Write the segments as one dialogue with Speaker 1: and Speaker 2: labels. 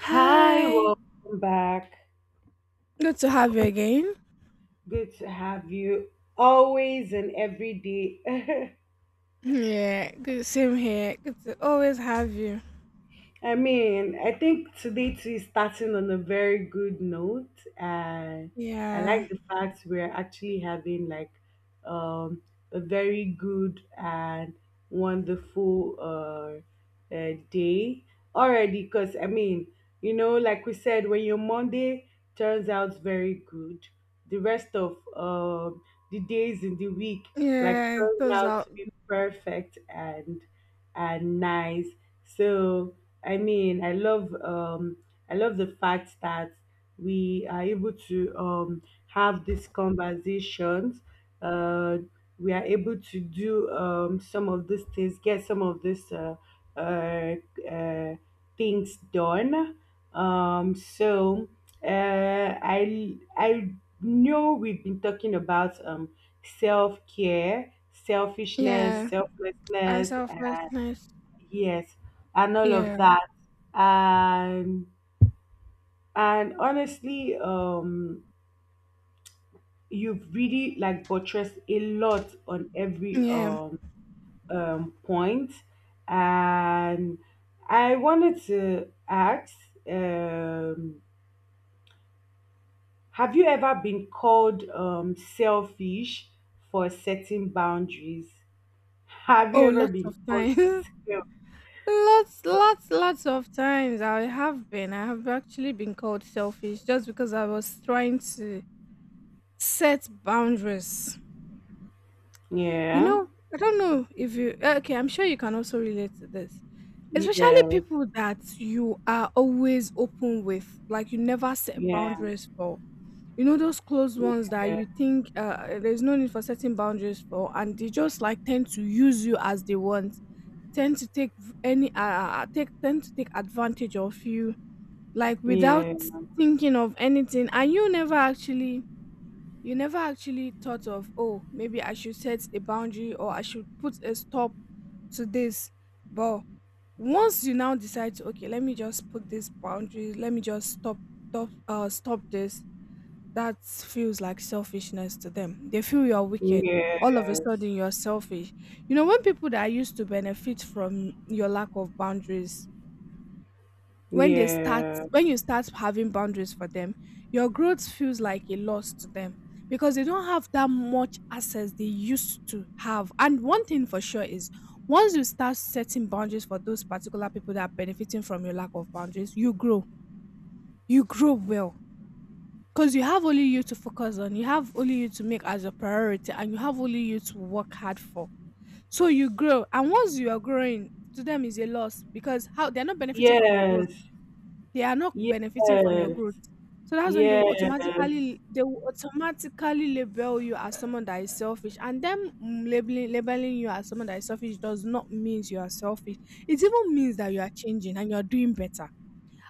Speaker 1: Hi,
Speaker 2: Hi.
Speaker 1: welcome back.
Speaker 2: Good to have you again.
Speaker 1: Good to have you always and every day.
Speaker 2: Yeah, good. Same here. Good to always have you.
Speaker 1: I mean, I think today too is starting on a very good note. And I
Speaker 2: Yeah.
Speaker 1: like the fact we're actually having like um, a very good and wonderful day already. Because, I mean, you know, like we said, when your Monday turns out very good, the rest of the days in the week like
Speaker 2: Yeah.
Speaker 1: turns
Speaker 2: Those
Speaker 1: out
Speaker 2: are.
Speaker 1: to be perfect and nice. So I mean, I love the fact that we are able to have these conversations. Uh, we are able to do some of these things, get some of these uh, uh, things done. So uh, I know we've been talking about self care, selfishness,
Speaker 2: Yeah.
Speaker 1: selflessness,
Speaker 2: Answer first. Nice.
Speaker 1: yes, and all of
Speaker 2: Yeah.
Speaker 1: that. And honestly, you've really like buttressed a lot on every
Speaker 2: Yeah.
Speaker 1: point. And I wanted to ask, um have you ever been called selfish for setting boundaries? Have you
Speaker 2: Oh,
Speaker 1: ever
Speaker 2: lots
Speaker 1: been
Speaker 2: of
Speaker 1: called
Speaker 2: times.
Speaker 1: selfish?
Speaker 2: Lots, lots, lots of times. I have been. I have actually been called selfish just because I was trying to set boundaries. You
Speaker 1: Yeah.
Speaker 2: know, I don't know if you. Okay, I'm sure you can also relate to this. Especially
Speaker 1: Yes.
Speaker 2: people that you are always open with, like you never set
Speaker 1: Yeah,
Speaker 2: boundaries for. You know those closed ones
Speaker 1: yeah,
Speaker 2: that you think there's no need for setting boundaries for, and they just like tend to use you as they want, tend to take v- any take tend to take advantage of you, like without
Speaker 1: yeah.
Speaker 2: thinking of anything, and you never actually thought of, oh, maybe I should set a boundary or I should put a stop to this. But once you now decide to, okay, let me just put this boundary, let me just stop this, that feels like selfishness to them. They feel you're wicked. All of a
Speaker 1: Yes.
Speaker 2: sudden you're selfish, you know, when people that are used to benefit from your lack of boundaries, when they start
Speaker 1: Yeah.
Speaker 2: when you start having boundaries for them, your growth feels like a loss to them because they don't have that much access they used to have. And one thing for sure is, once you start setting boundaries for those particular people that are benefiting from your lack of boundaries, you grow. You grow well, because you have only you to focus on, you have only you to make as a priority, and you have only you to work hard for. So you grow, and once you are growing, to them is a loss because how, they're not benefiting from your growth,
Speaker 1: Yes.
Speaker 2: they are not benefiting from your
Speaker 1: Yes.
Speaker 2: growth. So that's when they will
Speaker 1: Yes.
Speaker 2: automatically label you as someone that is selfish. And them labeling you as someone that is selfish does not means you are selfish. It even means that you are changing and you are doing better.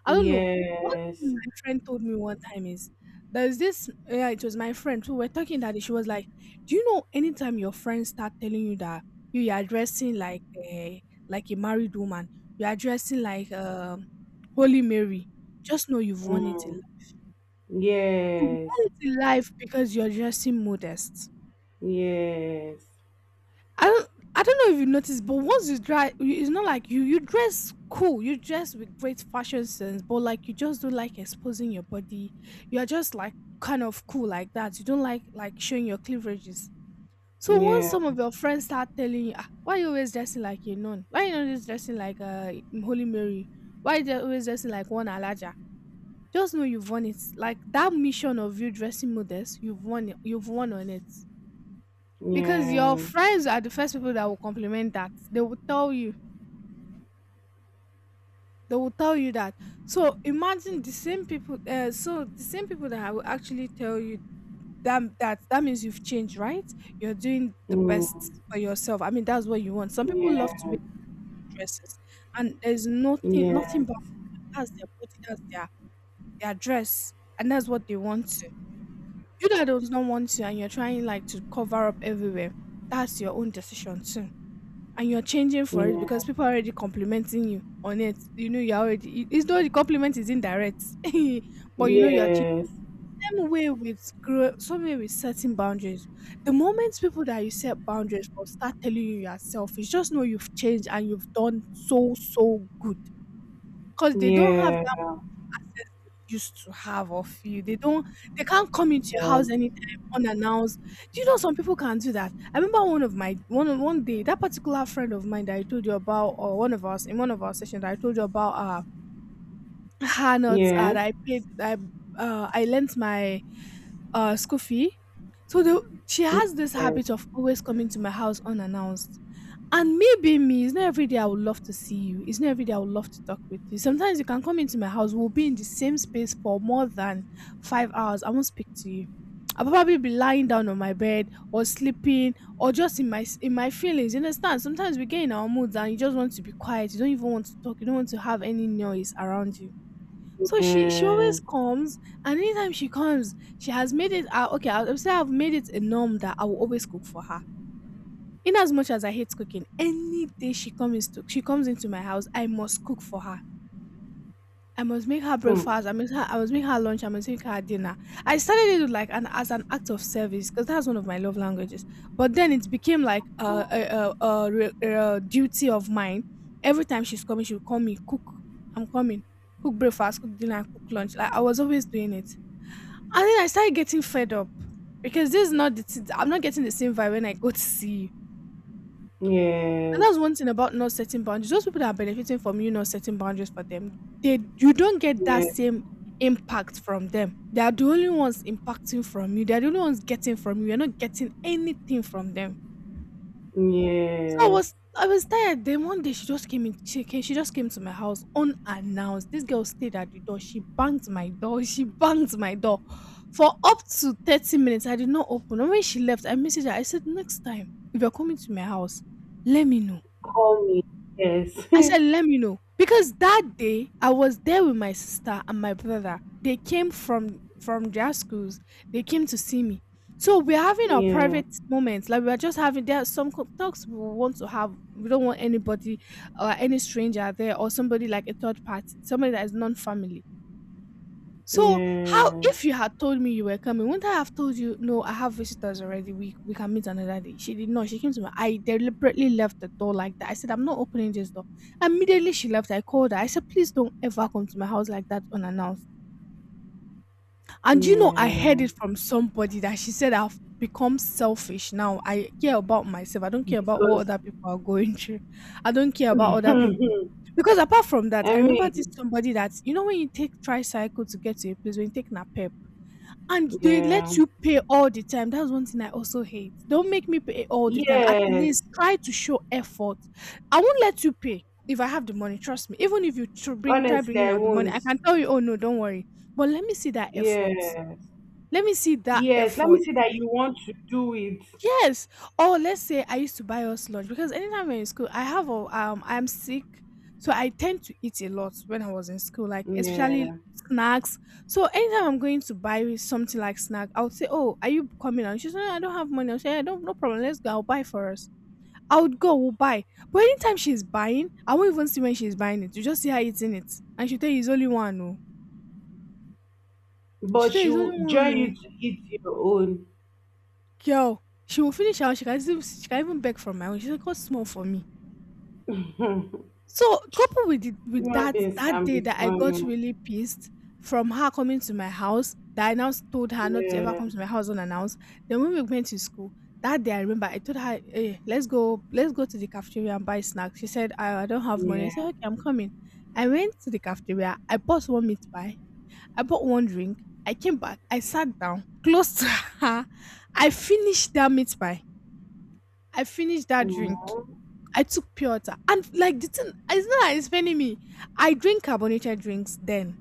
Speaker 2: I don't know. One thing
Speaker 1: Yes.
Speaker 2: my friend told me one time is, there's this, yeah, it was my friend who were talking that day. She was like, do you know, anytime your friends start telling you that you are dressing like a, like a married woman, you are dressing like, Holy Mary, just know you've won it in
Speaker 1: Mm.
Speaker 2: life. You've won
Speaker 1: Yes.
Speaker 2: it in life because you're dressing modest.
Speaker 1: Yes.
Speaker 2: I don't I don't know if you noticed, but once you dry, you- it's not like you dress cool, you dress with great fashion sense, but like you just don't like exposing your body. You are just like kind of cool like that. You don't like showing your cleaverages. So once
Speaker 1: Yeah.
Speaker 2: some of your friends start telling you, ah, why you always dressing like a nun? Why you not just dressing like a Holy Mary? Why you always dressing like one Alaja? Just know you've won it. Like that mission of you dressing modest, you've won it. You've won on it because your
Speaker 1: Yeah.
Speaker 2: friends are the first people that will compliment, that they will tell you, that. So imagine the same people, so the same people that I will actually tell you that, that means you've changed, right? You're doing the
Speaker 1: Mm.
Speaker 2: best for yourself. I mean, that's what you want. Some people love to
Speaker 1: Yeah.
Speaker 2: wear dresses, and there's nothing
Speaker 1: Yeah.
Speaker 2: nothing but, that's their body, that's their dress, and that's what they want to. You that don't want to, and you're trying like to cover up everywhere, that's your own decision too. And you're changing for it
Speaker 1: Yeah.
Speaker 2: because people are already complimenting you on it. You know, you're already, it- it's, though the compliment is indirect, but you know, you're changing.
Speaker 1: Yes.
Speaker 2: Same way with grow, same way with setting boundaries. The moment people that you set boundaries for start telling you you're selfish, just know you've changed and you've done so, so good because they don't have
Speaker 1: Yeah.
Speaker 2: access they used to have of you. They can't come into your house anytime unannounced. Do you know some people can do that? I remember one of my one day, that particular friend of mine that I told you about, or one of us in one of our sessions that I told you about, her notes,
Speaker 1: Yeah.
Speaker 2: that I paid, that I, I lent my, school fee. So the, she has this
Speaker 1: Yeah.
Speaker 2: habit of always coming to my house unannounced. And maybe me, it's not every day I would love to see you. It's not every day I would love to talk with you. Sometimes you can come into my house, we'll be in the same space for more than 5 hours. I won't speak to you. I'll probably be lying down on my bed or sleeping or just in my feelings. You understand? Sometimes we get in our moods and you just want to be quiet. You don't even want to talk. You don't want to have any noise around you. So she
Speaker 1: Yeah.
Speaker 2: always comes, and anytime she comes, she has made it. Okay, I'll say I've made it a norm that I will always cook for her, in as much as I hate cooking, any day she comes into my house, I must cook for her. I must make her
Speaker 1: Hmm.
Speaker 2: breakfast. I must make her lunch. I must make her dinner. I started it like an, as an act of service, because that's one of my love languages. But then it became like a duty of mine. Every time she's coming, she'll call me, cook. I'm coming. Cook breakfast, cook dinner, cook lunch. Like I was always doing it. And then I started getting fed up because this is not the. T- I'm not getting the same vibe when I go to see you. And that's
Speaker 1: Yes.
Speaker 2: one thing about not setting boundaries. Those people that are benefiting from you not setting boundaries for them, they you don't get that
Speaker 1: Yeah.
Speaker 2: same impact from them. They are the only ones impacting from you. They are the only ones getting from you. You're not getting anything from them. So
Speaker 1: Yes.
Speaker 2: I was tired. Then one day she just came in. She just came to my house unannounced. This girl stayed at the door. She banged my door for up to 30 minutes. I did not open. And when she left, I messaged her. I said, next time, if you're coming to my house, let me know.
Speaker 1: Call me. Yes.
Speaker 2: I said, let me know. Because that day I was there with my sister and my brother. They came from their schools. They came to see me. So we're having our
Speaker 1: Yeah.
Speaker 2: private moments. Like we're just having, there are some co- talks we want to have. We don't want anybody or any stranger there, or somebody like a third party, somebody that is non-family. So how,
Speaker 1: Yes,
Speaker 2: if you had told me you were coming, wouldn't I have told you, no, I have visitors already. We can meet another day. She did not. She came to me. I deliberately left the door like that. I said, I'm not opening this door. Immediately she left, I called her. I said, please don't ever come to my house like that unannounced. And you know, I heard
Speaker 1: yeah,
Speaker 2: it from somebody that she said I've become selfish now. I care about myself. I don't care about what
Speaker 1: because
Speaker 2: other people are going through. I don't care about other people. Because apart from that,
Speaker 1: I
Speaker 2: I remember this,
Speaker 1: mean,
Speaker 2: somebody that, you know, when you take tricycle to get to a place, when you take napep, and they
Speaker 1: yeah,
Speaker 2: let you pay all the time. That's one thing I also hate. Don't make me pay all the time. At least
Speaker 1: yes,
Speaker 2: try to show effort. I won't let you pay if I have the money. Trust me. Even if you tr- bring try
Speaker 1: honestly,
Speaker 2: bringing
Speaker 1: I
Speaker 2: out the money,
Speaker 1: won't.
Speaker 2: I can tell you, oh no, don't worry. But let me see that effort.
Speaker 1: Yes,
Speaker 2: Let me see that
Speaker 1: yes, let
Speaker 2: effort.
Speaker 1: me see that you want to do it.
Speaker 2: Yes. Or let's say I used to buy us lunch, because anytime we're in school, I have a, I'm sick. So I tend to eat a lot when I was in school, like, especially
Speaker 1: Yeah,
Speaker 2: snacks. So anytime I'm going to buy something like snack, I would say, oh, are you coming? And she's like, I don't have money. I'll say, I don't no problem, let's go, I'll buy for us. I would go, we'll buy. But anytime she's buying, I won't even see when she's buying it. You just see her eating it. And she tell you it's only one, no. She tell
Speaker 1: but
Speaker 2: you it's
Speaker 1: you
Speaker 2: only one
Speaker 1: join
Speaker 2: no.
Speaker 1: you to eat your own.
Speaker 2: Girl. She will finish out. She can even beg for my own. She's like, what's small for me? So coupled with it with
Speaker 1: Human
Speaker 2: that
Speaker 1: beings
Speaker 2: that
Speaker 1: can
Speaker 2: day
Speaker 1: be
Speaker 2: that I got
Speaker 1: funny.
Speaker 2: really pissed from her coming to my house, that I now told her not to ever
Speaker 1: Yeah,
Speaker 2: come to my house unannounced. Then when we went to school, that day I remember I told her, Hey, let's go to the cafeteria and buy snacks. She said, I don't have money. I
Speaker 1: yeah,
Speaker 2: said, Okay, I'm coming. I went to the cafeteria, I bought one meat pie, I bought one drink, I came back, I sat down close to her, I finished that meat pie, I finished that drink.
Speaker 1: aw,
Speaker 2: I took pure water. And like the thing it's not that it's paining me. I drink carbonated drinks then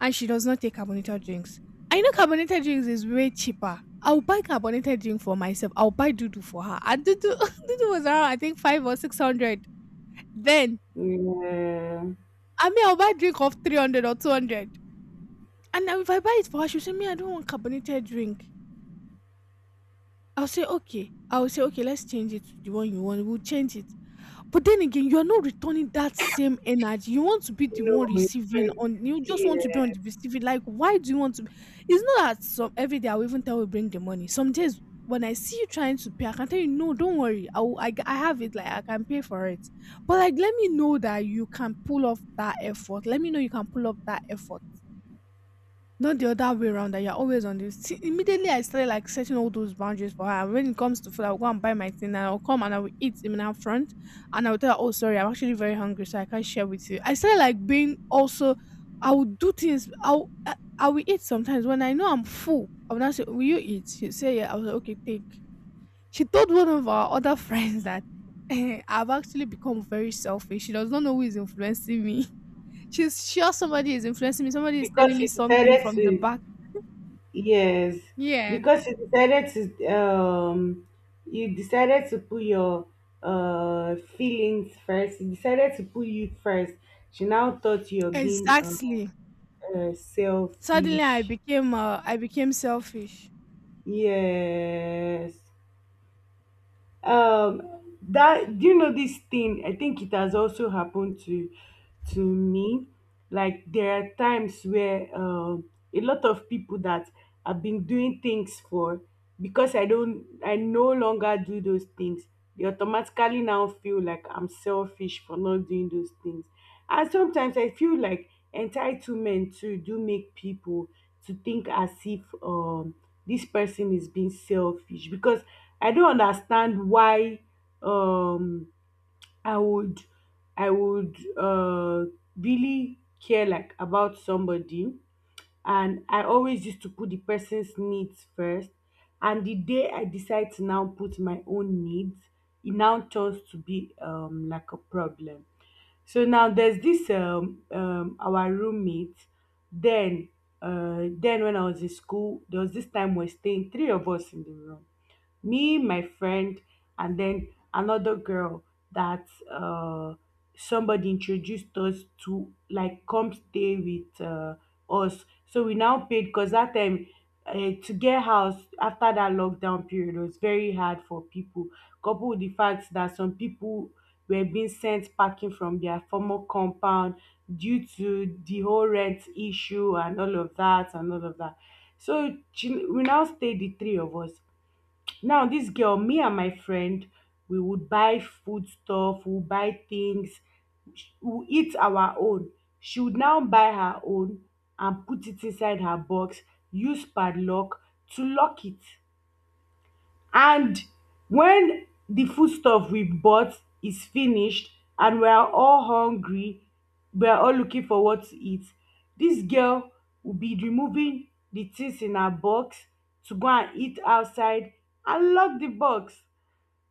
Speaker 2: and she does not take carbonated drinks. I know carbonated drinks is way cheaper. I'll buy carbonated drink for myself. I'll buy Dudu for her. And Dudu Dudu was around I think five or six hundred. Then
Speaker 1: yeah,
Speaker 2: I'll buy drink of 300 or 200. And now if I buy it for her, she'll say, Me, I don't want carbonated drink. I'll say, Okay. I'll say, Okay, let's change it to the one you want. We'll change it. But then again, you are not returning that same energy. You want to be the one
Speaker 1: no, it's
Speaker 2: receiving
Speaker 1: very-
Speaker 2: on you just want to be on
Speaker 1: yes,
Speaker 2: the receiving. Like, why do you want to be? It's not that some every day I will even tell you bring the money. Some days when I see you trying to pay, I can tell you, no, don't worry. I have it, like I can pay for it. But like let me know that you can pull off that effort. Let me know you can pull up that effort, not the other way around that you're always on this. See, immediately I started like setting all those boundaries for her. And when it comes to food, I'll go and buy my thing and I'll come and I will eat in her front and I'll tell her, Oh, sorry, I'm actually very hungry, so I can't share with you. I started like being also I will eat sometimes when I know I'm full. I will not say, Will you eat? She'll say, Yeah, I was like, Okay, take. She told one of our other friends that I've actually become very selfish. She does not know who is influencing me. She's sure somebody is influencing me. Somebody is telling
Speaker 1: because
Speaker 2: me
Speaker 1: you
Speaker 2: something
Speaker 1: decided
Speaker 2: from the
Speaker 1: to.
Speaker 2: back,
Speaker 1: Yes,
Speaker 2: yeah,
Speaker 1: because you decided to, you decided to put your feelings first. You decided to put you first. She now thought you're being
Speaker 2: exactly. Suddenly I
Speaker 1: selfish.
Speaker 2: became I became selfish.
Speaker 1: Yes. That, do you know this thing, I think it has also happened to me. Like there are times where a lot of people that I've been doing things for, because I no longer do those things, they automatically now feel like I'm selfish for not doing those things. And sometimes I feel like entitlement too do make people to think as if, this person is being selfish. Because I don't understand why um I would I would really care like about somebody, and I always used to put the person's needs first, and the day I decide to now put my own needs, it now turns to be like a problem. So now there's this our roommate then. Then when I was in school, there was this time we're staying three of us in the room, me, my friend, and then another girl that, somebody introduced us to, like, come stay with us. So we now paid because that time, to get house after that lockdown period was very hard for people. Coupled with the fact that some people were being sent packing from their former compound due to the whole rent issue and all of that and all of that. So we now stayed the three of us. Now this girl, me and my friend, we would buy food stuff, we would buy things, we would eat our own. She would now buy her own and put it inside her box, use padlock to lock it. And when the foodstuff we bought is finished and we're all hungry, we're all looking for what to eat, this girl will be removing the things in her box to go and eat outside and lock the box.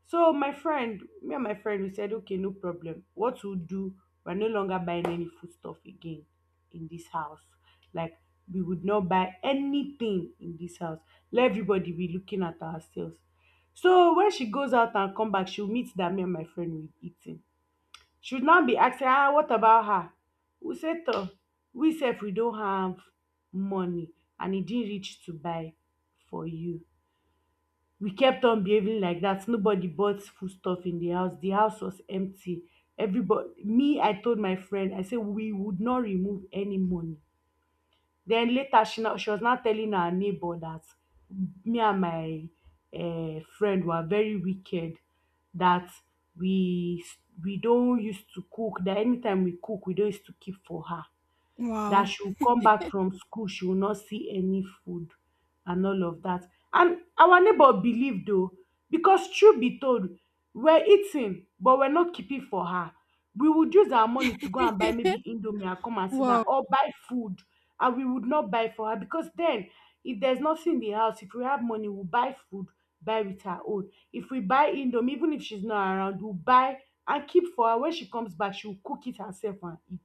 Speaker 1: So my friend, me and my friend, we said, okay, no problem. What we'll do, we're no longer buying any foodstuff again in this house. Like we would not buy anything in this house. Let everybody be looking at ourselves. So when she goes out and come back, she'll meet that me and my friend we eating. She would now be asking, ah, what about her? We said, "Toh, we said we don't have money and it didn't reach to buy for you." We kept on behaving like that. Nobody bought food stuff in the house. The house was empty. Everybody, me, I told my friend, I said we would not remove any money. Then later, she was now telling her neighbor that me and my friend were very wicked. That we we don't used to cook. That anytime we cook, we don't used to keep for her. That
Speaker 2: Wow.
Speaker 1: she will come back from school, she will not see any food and all of that. And our neighbor believed, oh, because truth be told, we're eating but we're not keeping for her. We would use our money to go and buy maybe indomie and come and sit down
Speaker 2: Wow.
Speaker 1: or buy food, and we would not buy for her. Because then, if there's nothing in the house, if we have money, we'll buy food, buy with her own. If we buy indomie, even if she's not around, we'll buy and keep for her. When she comes back, she will cook it herself and eat.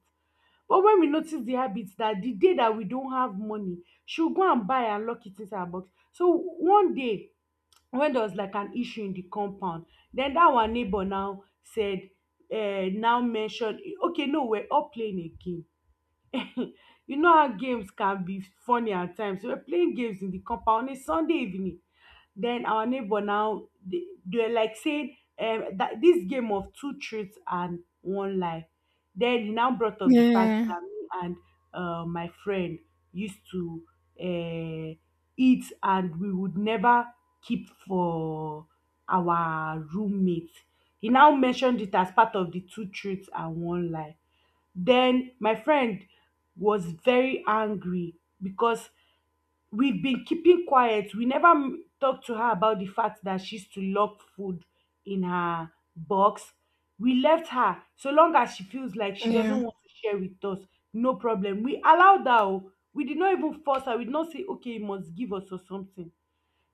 Speaker 1: But when we notice the habit that the day that we don't have money, she will go and buy and lock it inside her box. So one day when there was like an issue in the compound, then that our neighbor now said, now mentioned, okay, no, we're all playing a game. You know how games can be funny at times. We were playing games in the compound on a Sunday evening. Then our neighbor now they were like saying that this game of two truths and one lie. Then he now brought up the fact
Speaker 2: Yeah.
Speaker 1: that me and my friend used to uh, eat and we would never keep for our roommate. He now mentioned it as part of the two truths and one lie. Then my friend was very angry because we've been keeping quiet. We never talked to her about the fact that she's to lock food in her box. We left her so long as she feels like she doesn't
Speaker 2: Yeah.
Speaker 1: want to share with us. No problem. We allowed her. Oh. We did not even force her. We did not say, okay, you must give us or something.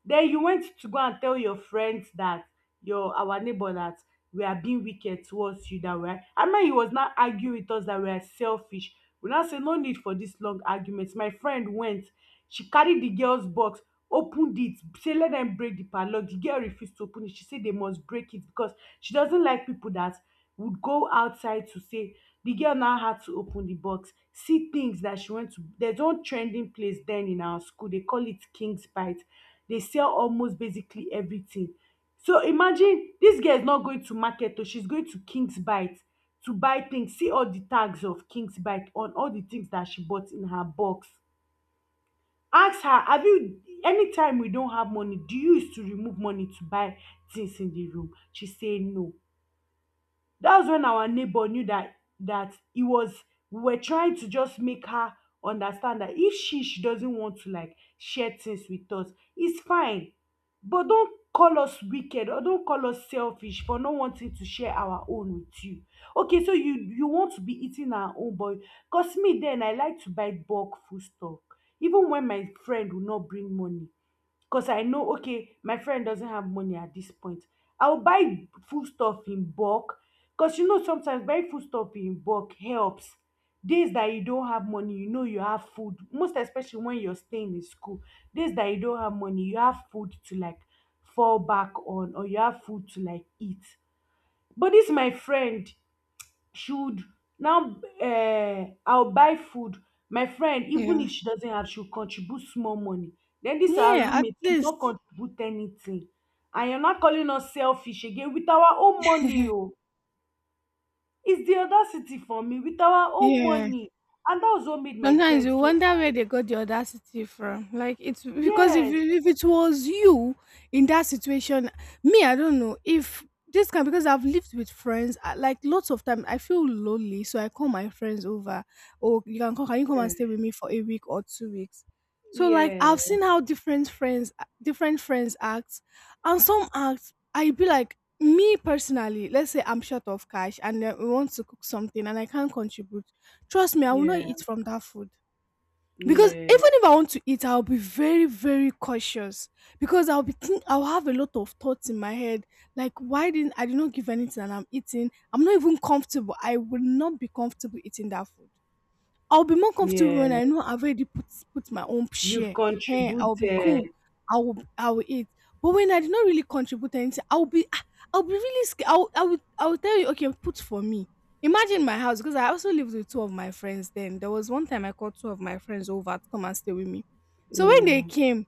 Speaker 1: Den you went to go and tell your friends that your our neighbor that we are being wicked towards you, that we are, and man, he was now arguing with us that we are selfish. We now say no need for this long argument. My friend went, she carry the girls box, opened it, say let them break the padlock. The girl refused to open it, she say they must break it because she doesn't like people that would go outside to say. The girl now had to open the box, see things that she went to. There's one trending place then in our school, they call it king's bite. Dey sell almost basically everything. So imagine dis girl is not going to market o, she is going to king's bite to buy things. See all the tags of king's bite on all the things dat she bought in her box. Ask her, have you, anytime we don have money, do you use to remove money to buy things in the room? She say no. That's when our neighbor knew that it was, we were trying to just make her understand that if she doesn't want to like share things with us, it's fine, but don't call us wicked or don't call us selfish for not wanting to share our own with you. Okay, so you want to be eating our own, but, cause me then I like to buy bulk food stuff even when my friend will not bring money. Because I know, okay, my friend doesn't have money at this point, I'll buy food stuff in bulk. Because you know sometimes buying food stuff in bulk helps. Days that you don't have money, you know you have food. Most especially when you're staying in school, days that you don't have money, you have food to like fall back on, or you have food to like eat. But this my friend, should now I'll buy food, my friend, even
Speaker 2: Yeah.
Speaker 1: if she doesn't have, she'll contribute small money. Then this our
Speaker 2: Yeah, at
Speaker 1: roommate will not
Speaker 2: least.
Speaker 1: contribute anything, and you're not calling us selfish? Again with our own money, oh, it's the audacity for me, with our own
Speaker 2: Yeah.
Speaker 1: money. And that was what made my
Speaker 2: Sometimes
Speaker 1: friend
Speaker 2: you
Speaker 1: so.
Speaker 2: wonder where they got the audacity from. Like it's because if
Speaker 1: Yes.
Speaker 2: it- if it was you in that situation, me I don't know if this can because I've lived with friends like lots of time. I feel lonely, so I call my friends over. Oh, you can come. Can you come and
Speaker 1: Yeah.
Speaker 2: stay with me for a week or 2 weeks? So like
Speaker 1: Yeah.
Speaker 2: I've seen how different friends act, and some act. I be like me personally. Let's say I'm short of cash and we want to cook something and I can't contribute. Trust me, I will not
Speaker 1: Yeah.
Speaker 2: eat from that food. Because even
Speaker 1: Yeah.
Speaker 2: if I want to eat, I'll be very, very cautious. Because I'll be think I'll have a lot of thoughts in my head. Like, why didn't I did not give anything and I'm eating? I'm not even comfortable. I will not be comfortable eating that food. I'll be more comfortable
Speaker 1: Yeah.
Speaker 2: when I know I've already put my own
Speaker 1: You've
Speaker 2: share. Ehen, I'll be
Speaker 1: contributed.
Speaker 2: cool. I will eat. But when I did not really contribute anything, I'll be ah, I'll be really scared. I will tell you, okay, put for me. Imagine my house, because I also lived with two of my friends then. There was one time I called two of my friends over to come and stay with me. So when they
Speaker 1: Yeah.
Speaker 2: came,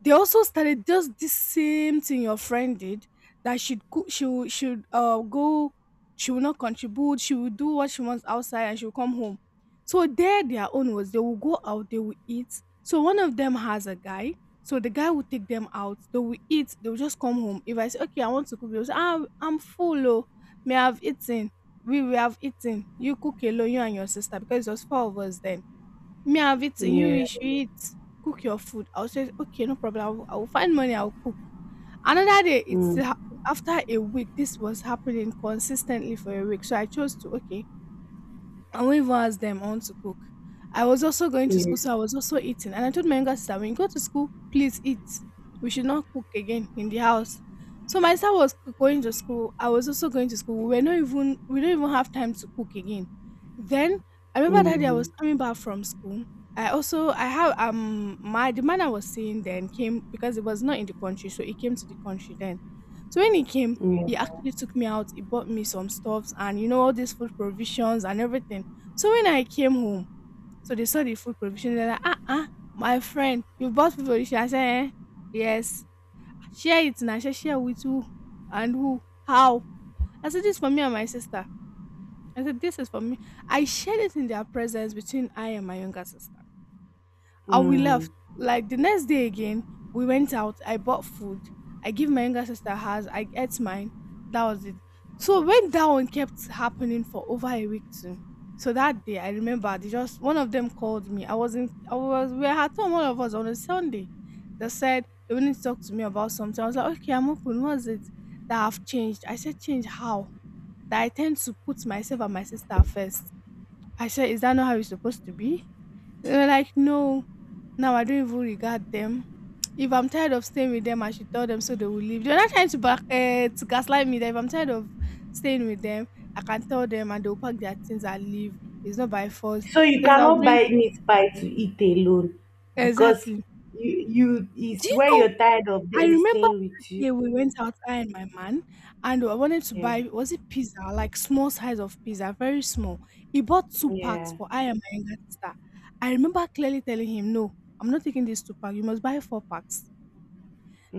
Speaker 2: they also started just this same thing your friend did, that she'd cook, she would should go, she will not contribute, she will do what she wants outside and she'll come home. So there their own was, they will go out, they will eat. So one of them has a guy, so the guy will take them out, they will eat, they will just come home. If I say, okay, I want to cook, they'll say, ah, I'm full oh, may I have eaten, we will have eaten, you cook alone, you and your sister, because it was four of us then. Me, have it. you,
Speaker 1: Yeah.
Speaker 2: you should eat. Cook your food. I'll say, okay, no problem. I will find money, I'll cook. Another day, it's
Speaker 1: Mm,
Speaker 2: happened. After a week, this was happening consistently for a week. So I chose to, okay, and won't even ask them. I want to cook. I was also going to
Speaker 1: yeah.
Speaker 2: school, so I was also eating. And I told my younger sister, when you go to school, please eat. We should not cook again in the house. So my sister was going to school. I was also going to school. We were not even we don't even have time to cook again. Then I remember that day I was
Speaker 1: Mm,
Speaker 2: coming back from school. I have my the man I was seeing then came because it was not in the country, so he came to the country then. So when he came,
Speaker 1: yeah.
Speaker 2: he
Speaker 1: Mm.
Speaker 2: actually took me out. He bought me some stuffs and you know all these food provisions and everything. So when I came home, so they saw the food provision. They're like, ah, ah, my friend, you bought food provision. I said, eh? Yes. Share it now. Share, share with who and who? How? I said, this is for me and my sister. I said, this is for me. I shared it in their presence between I and my younger sister. And we left.
Speaker 1: Mm.
Speaker 2: Like the next day again, we went out. I bought food. I give my younger sister hers. I ate mine. That was it. So when that one kept happening for over a week too. So that day I remember they just one of them called me. I wasn't I was We were at home all of us on a Sunday. They said they wanted to talk to me about something. I was like, okay, I'm open. What's it? That I've changed. I said, change how? That I tend to put myself and my sister first. I said, is that not how it's supposed to be? They were like, no, now I don't even regard them. If I'm tired of staying with them, I should tell them so they will leave. They're not trying to back to gaslight me. That if I'm tired of staying with them, I can tell them and they'll pack their things and leave. It's not by force
Speaker 1: So you
Speaker 2: because I'll
Speaker 1: cannot
Speaker 2: bring,
Speaker 1: buy meat pie to eat alone because
Speaker 2: exactly.
Speaker 1: you
Speaker 2: Do
Speaker 1: is
Speaker 2: you
Speaker 1: when
Speaker 2: know?
Speaker 1: you're tired of
Speaker 2: I
Speaker 1: them
Speaker 2: remember
Speaker 1: staying
Speaker 2: that
Speaker 1: with you.
Speaker 2: day we went out, I and my man, and I wanted to
Speaker 1: Yeah.
Speaker 2: buy, was it pizza, like small size of pizza, very small. He bought two packs
Speaker 1: Yeah.
Speaker 2: for I and my younger sister. I remember clearly telling him, "No, I'm not taking these two packs. You must buy four packs,"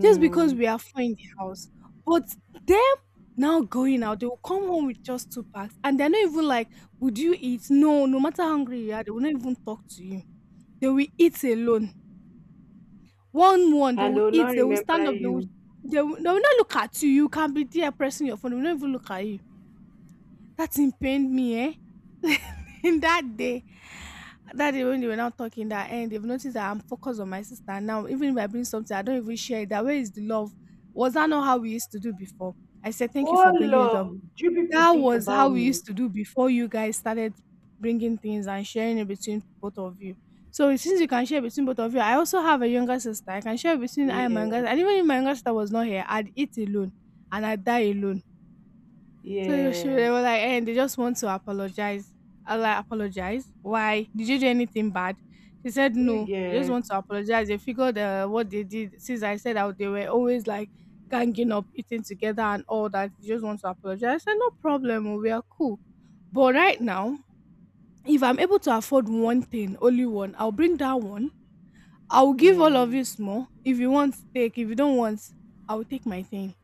Speaker 2: just because we are four in the house. But them now going out, they will come home with just two packs, and they're not even like, "Would you eat?" No, no matter how hungry you are, they will not even talk to you. They will eat alone. One one, they
Speaker 1: And
Speaker 2: will
Speaker 1: they'll
Speaker 2: eat.
Speaker 1: not
Speaker 2: They will stand
Speaker 1: remember
Speaker 2: up. They will.
Speaker 1: you.
Speaker 2: They will not look at you. You can be there pressing your phone. They will not even look at you. That thing pained me, eh? In that day. That day when they were now talking that, and they've noticed that I'm focused on my sister now. Even if I bring something, I don't even share it. That where is the love? Was that not how we used to do before? I said thank you for
Speaker 1: Oh
Speaker 2: bringing it up.
Speaker 1: love, do people
Speaker 2: That
Speaker 1: think
Speaker 2: was how
Speaker 1: about
Speaker 2: we
Speaker 1: me?
Speaker 2: used to do before you guys started bringing things and sharing it between both of you. So since you can share between both of you, I also have a younger sister. I can share between I and my younger
Speaker 1: Yeah.
Speaker 2: sister. And even if my younger sister was not here, I'd eat alone and I'd die alone. They
Speaker 1: Yes.
Speaker 2: were like, hey, they just want to apologize. I was like, apologize? Why? Did you do anything bad? She said,
Speaker 1: Do you
Speaker 2: no. They just
Speaker 1: get?
Speaker 2: want to apologize. They figured what they did, since I said that they were always like ganging up, eating together and all that, they just want to apologize. I said, no problem. Oh, we are cool. But right now, if I'm able to afford one thing, only one, I'll bring that one, I'll give all
Speaker 1: Yeah.
Speaker 2: of you small. If you want, take. If you don't want, I'll take my thing.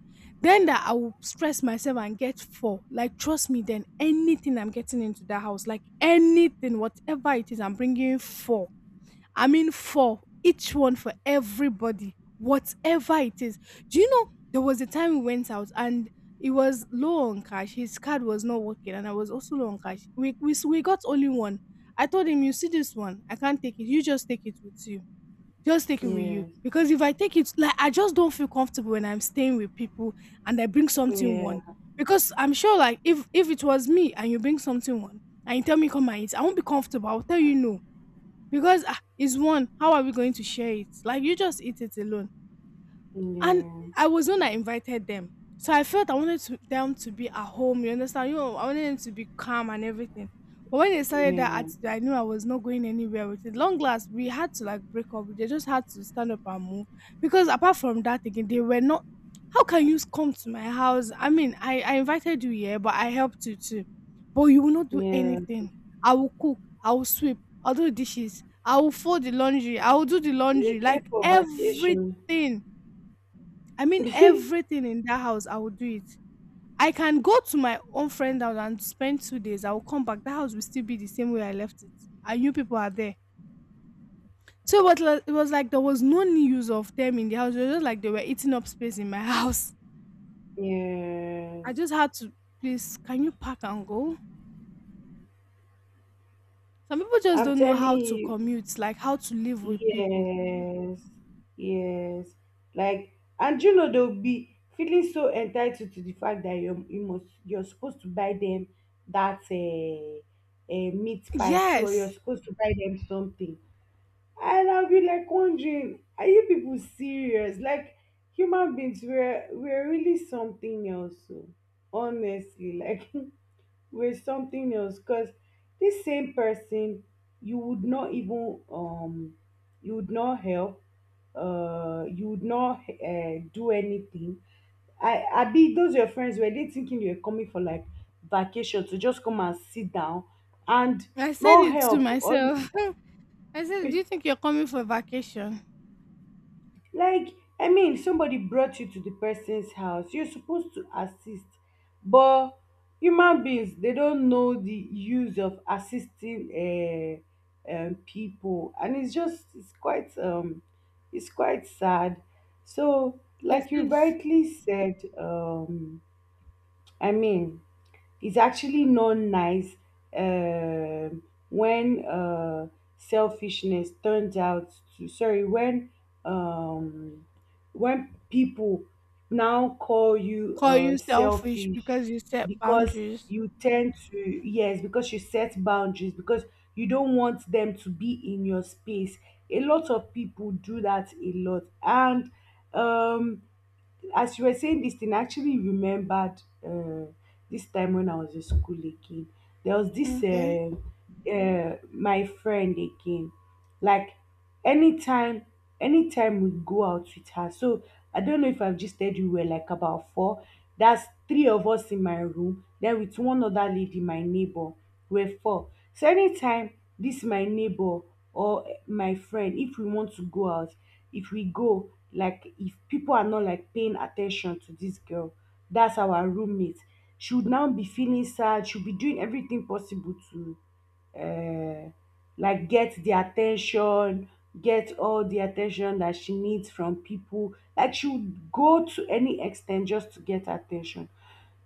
Speaker 2: Then that I will stress myself and get four. Like, trust me, then anything I'm getting into that house, like anything, whatever it is, I'm bringing four. I mean, four. Each one for everybody, whatever it is. Do you know there was a time we went out and it was low on cash. His card was not working, and I was also low on cash. We got only one. I told him, you see this one? I can't take it. You just take it with you Just take it with you,
Speaker 1: Yes.
Speaker 2: because if I take it, like I just don't feel comfortable when I'm staying with people and I bring something one.
Speaker 1: Yeah.
Speaker 2: Because I'm sure, like if it was me and you bring something one and you tell me come and eat, I won't be comfortable. I'll tell you no because ah, it's one. How are we going to share it? Like you just eat it alone. And
Speaker 1: Yeah.
Speaker 2: I was the one that invited them. So I felt I wanted to, them to be at home, you understand? You know, I wanted them to be calm and everything. But when they started that
Speaker 1: Yeah.
Speaker 2: attitude, I knew I was not going anywhere with it. Long last, we had to like break up. They just had to stand up and move. Because apart from that, again, they were not. How can you come to my house? I mean, I invited you here, but I helped you too. But you will not do
Speaker 1: Yeah.
Speaker 2: anything. I will cook. I will sweep. I'll do dishes. I will fold the laundry. I will do the
Speaker 1: They
Speaker 2: laundry.
Speaker 1: came
Speaker 2: Like
Speaker 1: for vacation.
Speaker 2: everything, I mean, everything in that house, I will do it. I can go to my own friend house and spend 2 days. I will come back. That house will still be the same way I left it. I knew people are there. So it was like there was no news of them in the house. It was just like they were eating up space in my house. I
Speaker 1: Yes.
Speaker 2: just had to, please can you pack and go? Some people just
Speaker 1: I'm
Speaker 2: don't know
Speaker 1: telling
Speaker 2: how to
Speaker 1: you.
Speaker 2: commute, like how to live with people.
Speaker 1: Yes, yes. Like, and you know they'll be feeling so entitled to the fact that you're supposed to buy them that meat pie too, or you're
Speaker 2: Yes.
Speaker 1: supposed to buy them something. And I'll be like wondering, are you people serious? Like, human beings, we're really something else. So honestly, like. with something else because this same person you would not even, you would not help you would not do anything. I be those your friends were they thinking you were coming for like vacation to just come and sit down and
Speaker 2: I said
Speaker 1: no
Speaker 2: it to
Speaker 1: help or
Speaker 2: myself. I said, do you think you're coming for vacation?
Speaker 1: Like, I mean, somebody brought you to the person's house. You're supposed to assist. But human beings, they don't know the use of assisting people. And it's just, it's quite sad. So,
Speaker 2: It
Speaker 1: like you
Speaker 2: is.
Speaker 1: rightly said, I mean, it's actually not nice um, when selfishness turns out to sorry um, when people now call you
Speaker 2: Call you selfish
Speaker 1: selfish
Speaker 2: because you set
Speaker 1: because
Speaker 2: boundaries.
Speaker 1: you tend to yes because you set boundaries because you don't want them to be in your space. A lot of people do that a lot, and um as you were saying this thing, I actually remembered this time when I was in school again. There was this
Speaker 2: Okay.
Speaker 1: my friend again. Like anytime, anytime we go out with her. So I don't know if I've just said you were like about four. That's three of us in my room. Then with one other lady, my neighbor, we're four. So anytime this my neighbor or my friend, if we want to go out, if we go, like if people are not like paying attention to this girl that's our roommate, she would now be feeling sad. She'll be doing everything possible to uh like get the attention, get all the attention that she needs from people. Like she would go to any extent just to get attention.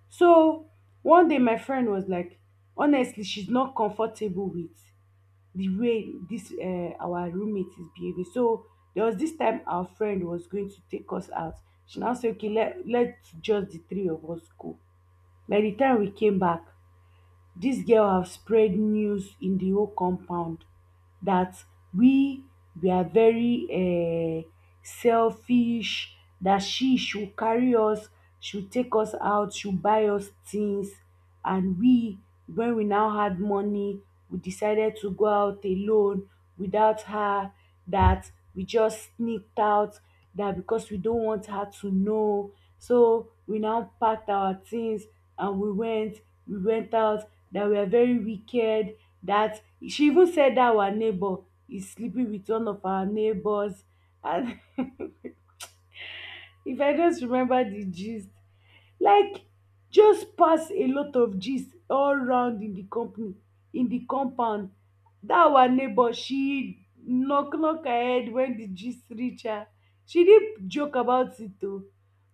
Speaker 1: So one day my friend was like, honestly, she's not comfortable with the way this our roommate is behaving. So there was this time our friend was going to take us out. She now said, okay, let's just the three of us go. By the time we came back, this girl have spread news in the whole compound that we we are very selfish, that she should carry us, should take us out, should buy us things. And we, when we now had money, we decided to go out alone without her, that we just sneaked out, that because we don't want her to know. So we now packed our things and we went out, that we are very wicked, that she even said that our neighbor is sleeping with one of our neighbors. And if I just remember the gist, like just pass a lot of gist all round in the company, in the compound, that our neighbor she knock her head when the gist reach her. She didn't joke about it, though,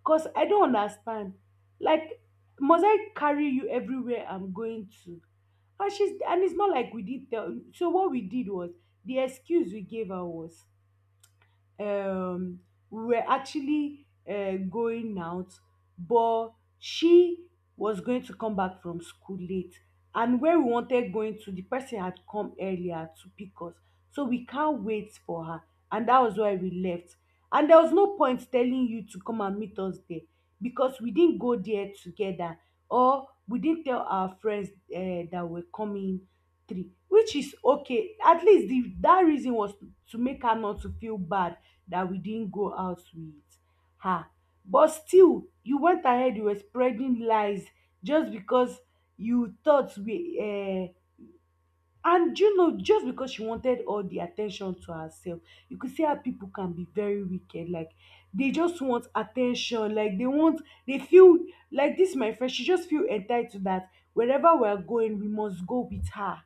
Speaker 1: cause I don't understand. Like, must I carry you everywhere I'm going to? And she's, and it's not like we did tell. So what we did was the excuse we gave her was, um we were actually going out, but she was going to come back from school late. And where we wanted going to, the person had come earlier to pick us. So we can't wait for her. And that was why we left. And there was no point telling you to come and meet us there because we didn't go there together or we didn't tell our friends that we're coming three, which is okay. At least the, that reason was to make her not to feel bad dat we didn't go out with her. But still you went ahead, you were spreading lies just because you thought we and, you know, just because she wanted all the at ten tion to herself. You could see how people can be very wicked. Like they just want at ten tion, like they want, they feel like dis my friend, she just feel entitled dat wherever we are going we must go with her,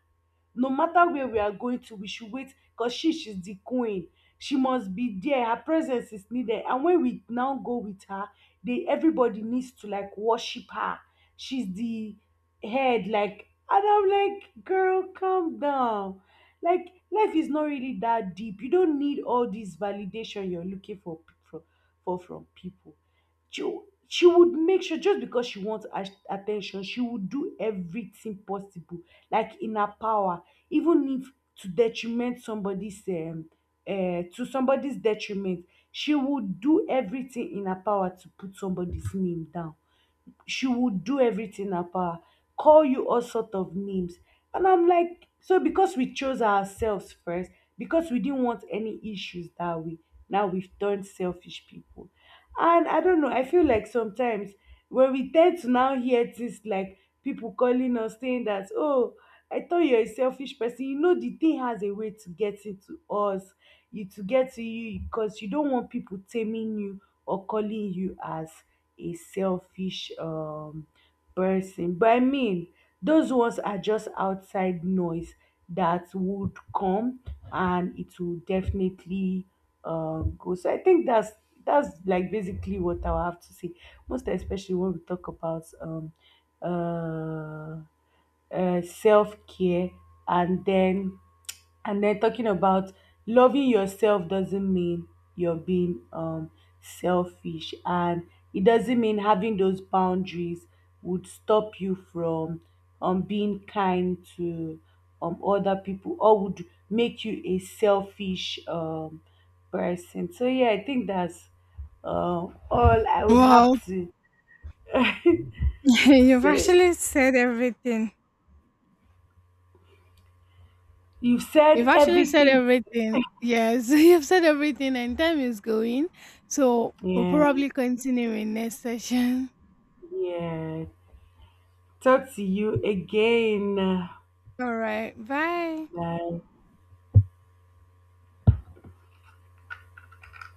Speaker 1: no matter where we are going to. We should wait because she, she's the queen. She must be there. Her presence is needed. And when we now go with her, they everybody needs to like worship her. She's the head, like, and I'm like, girl, calm down. Like life is not really that deep. You don't need all this validation you're looking for, for, for from people. she, she would make sure just because she wants at- attention, she would do everything possible like in her power, even if to detriment somebody's to somebody's detriment, she would do everything in her power to put somebody's name down. She would do everything in her, call you all sort of names. And I'm like, so because we chose ourselves first, because we didn't want any issues that way, now we've turned selfish people. And I don't know, I feel like sometimes when we tend to now hear things like people calling us saying that, oh, I thought you're a selfish person, you know, the thing has a way to get into us, you to get to you because you don't want people taming you or calling you as a selfish person. But I mean, those ones are just outside noise that would come, and it will definitely go. So I think that's like basically what I'll have to say. Most especially when we talk about uh, self care, and then, and then talking about loving yourself doesn't mean you're being selfish, and it doesn't mean having those boundaries would stop you from being kind to other people or would make you a selfish person. So, yeah, I think that's all I would
Speaker 2: Wow.
Speaker 1: have to
Speaker 2: You've
Speaker 1: say.
Speaker 2: actually said everything.
Speaker 1: You've
Speaker 2: You've
Speaker 1: said
Speaker 2: actually said
Speaker 1: everything.
Speaker 2: everything. Yes, you've said everything, and time is going. So we'll
Speaker 1: Yeah,
Speaker 2: probably continue in next session.
Speaker 1: yeah. Talk to you again.
Speaker 2: All right. Bye.
Speaker 1: Bye.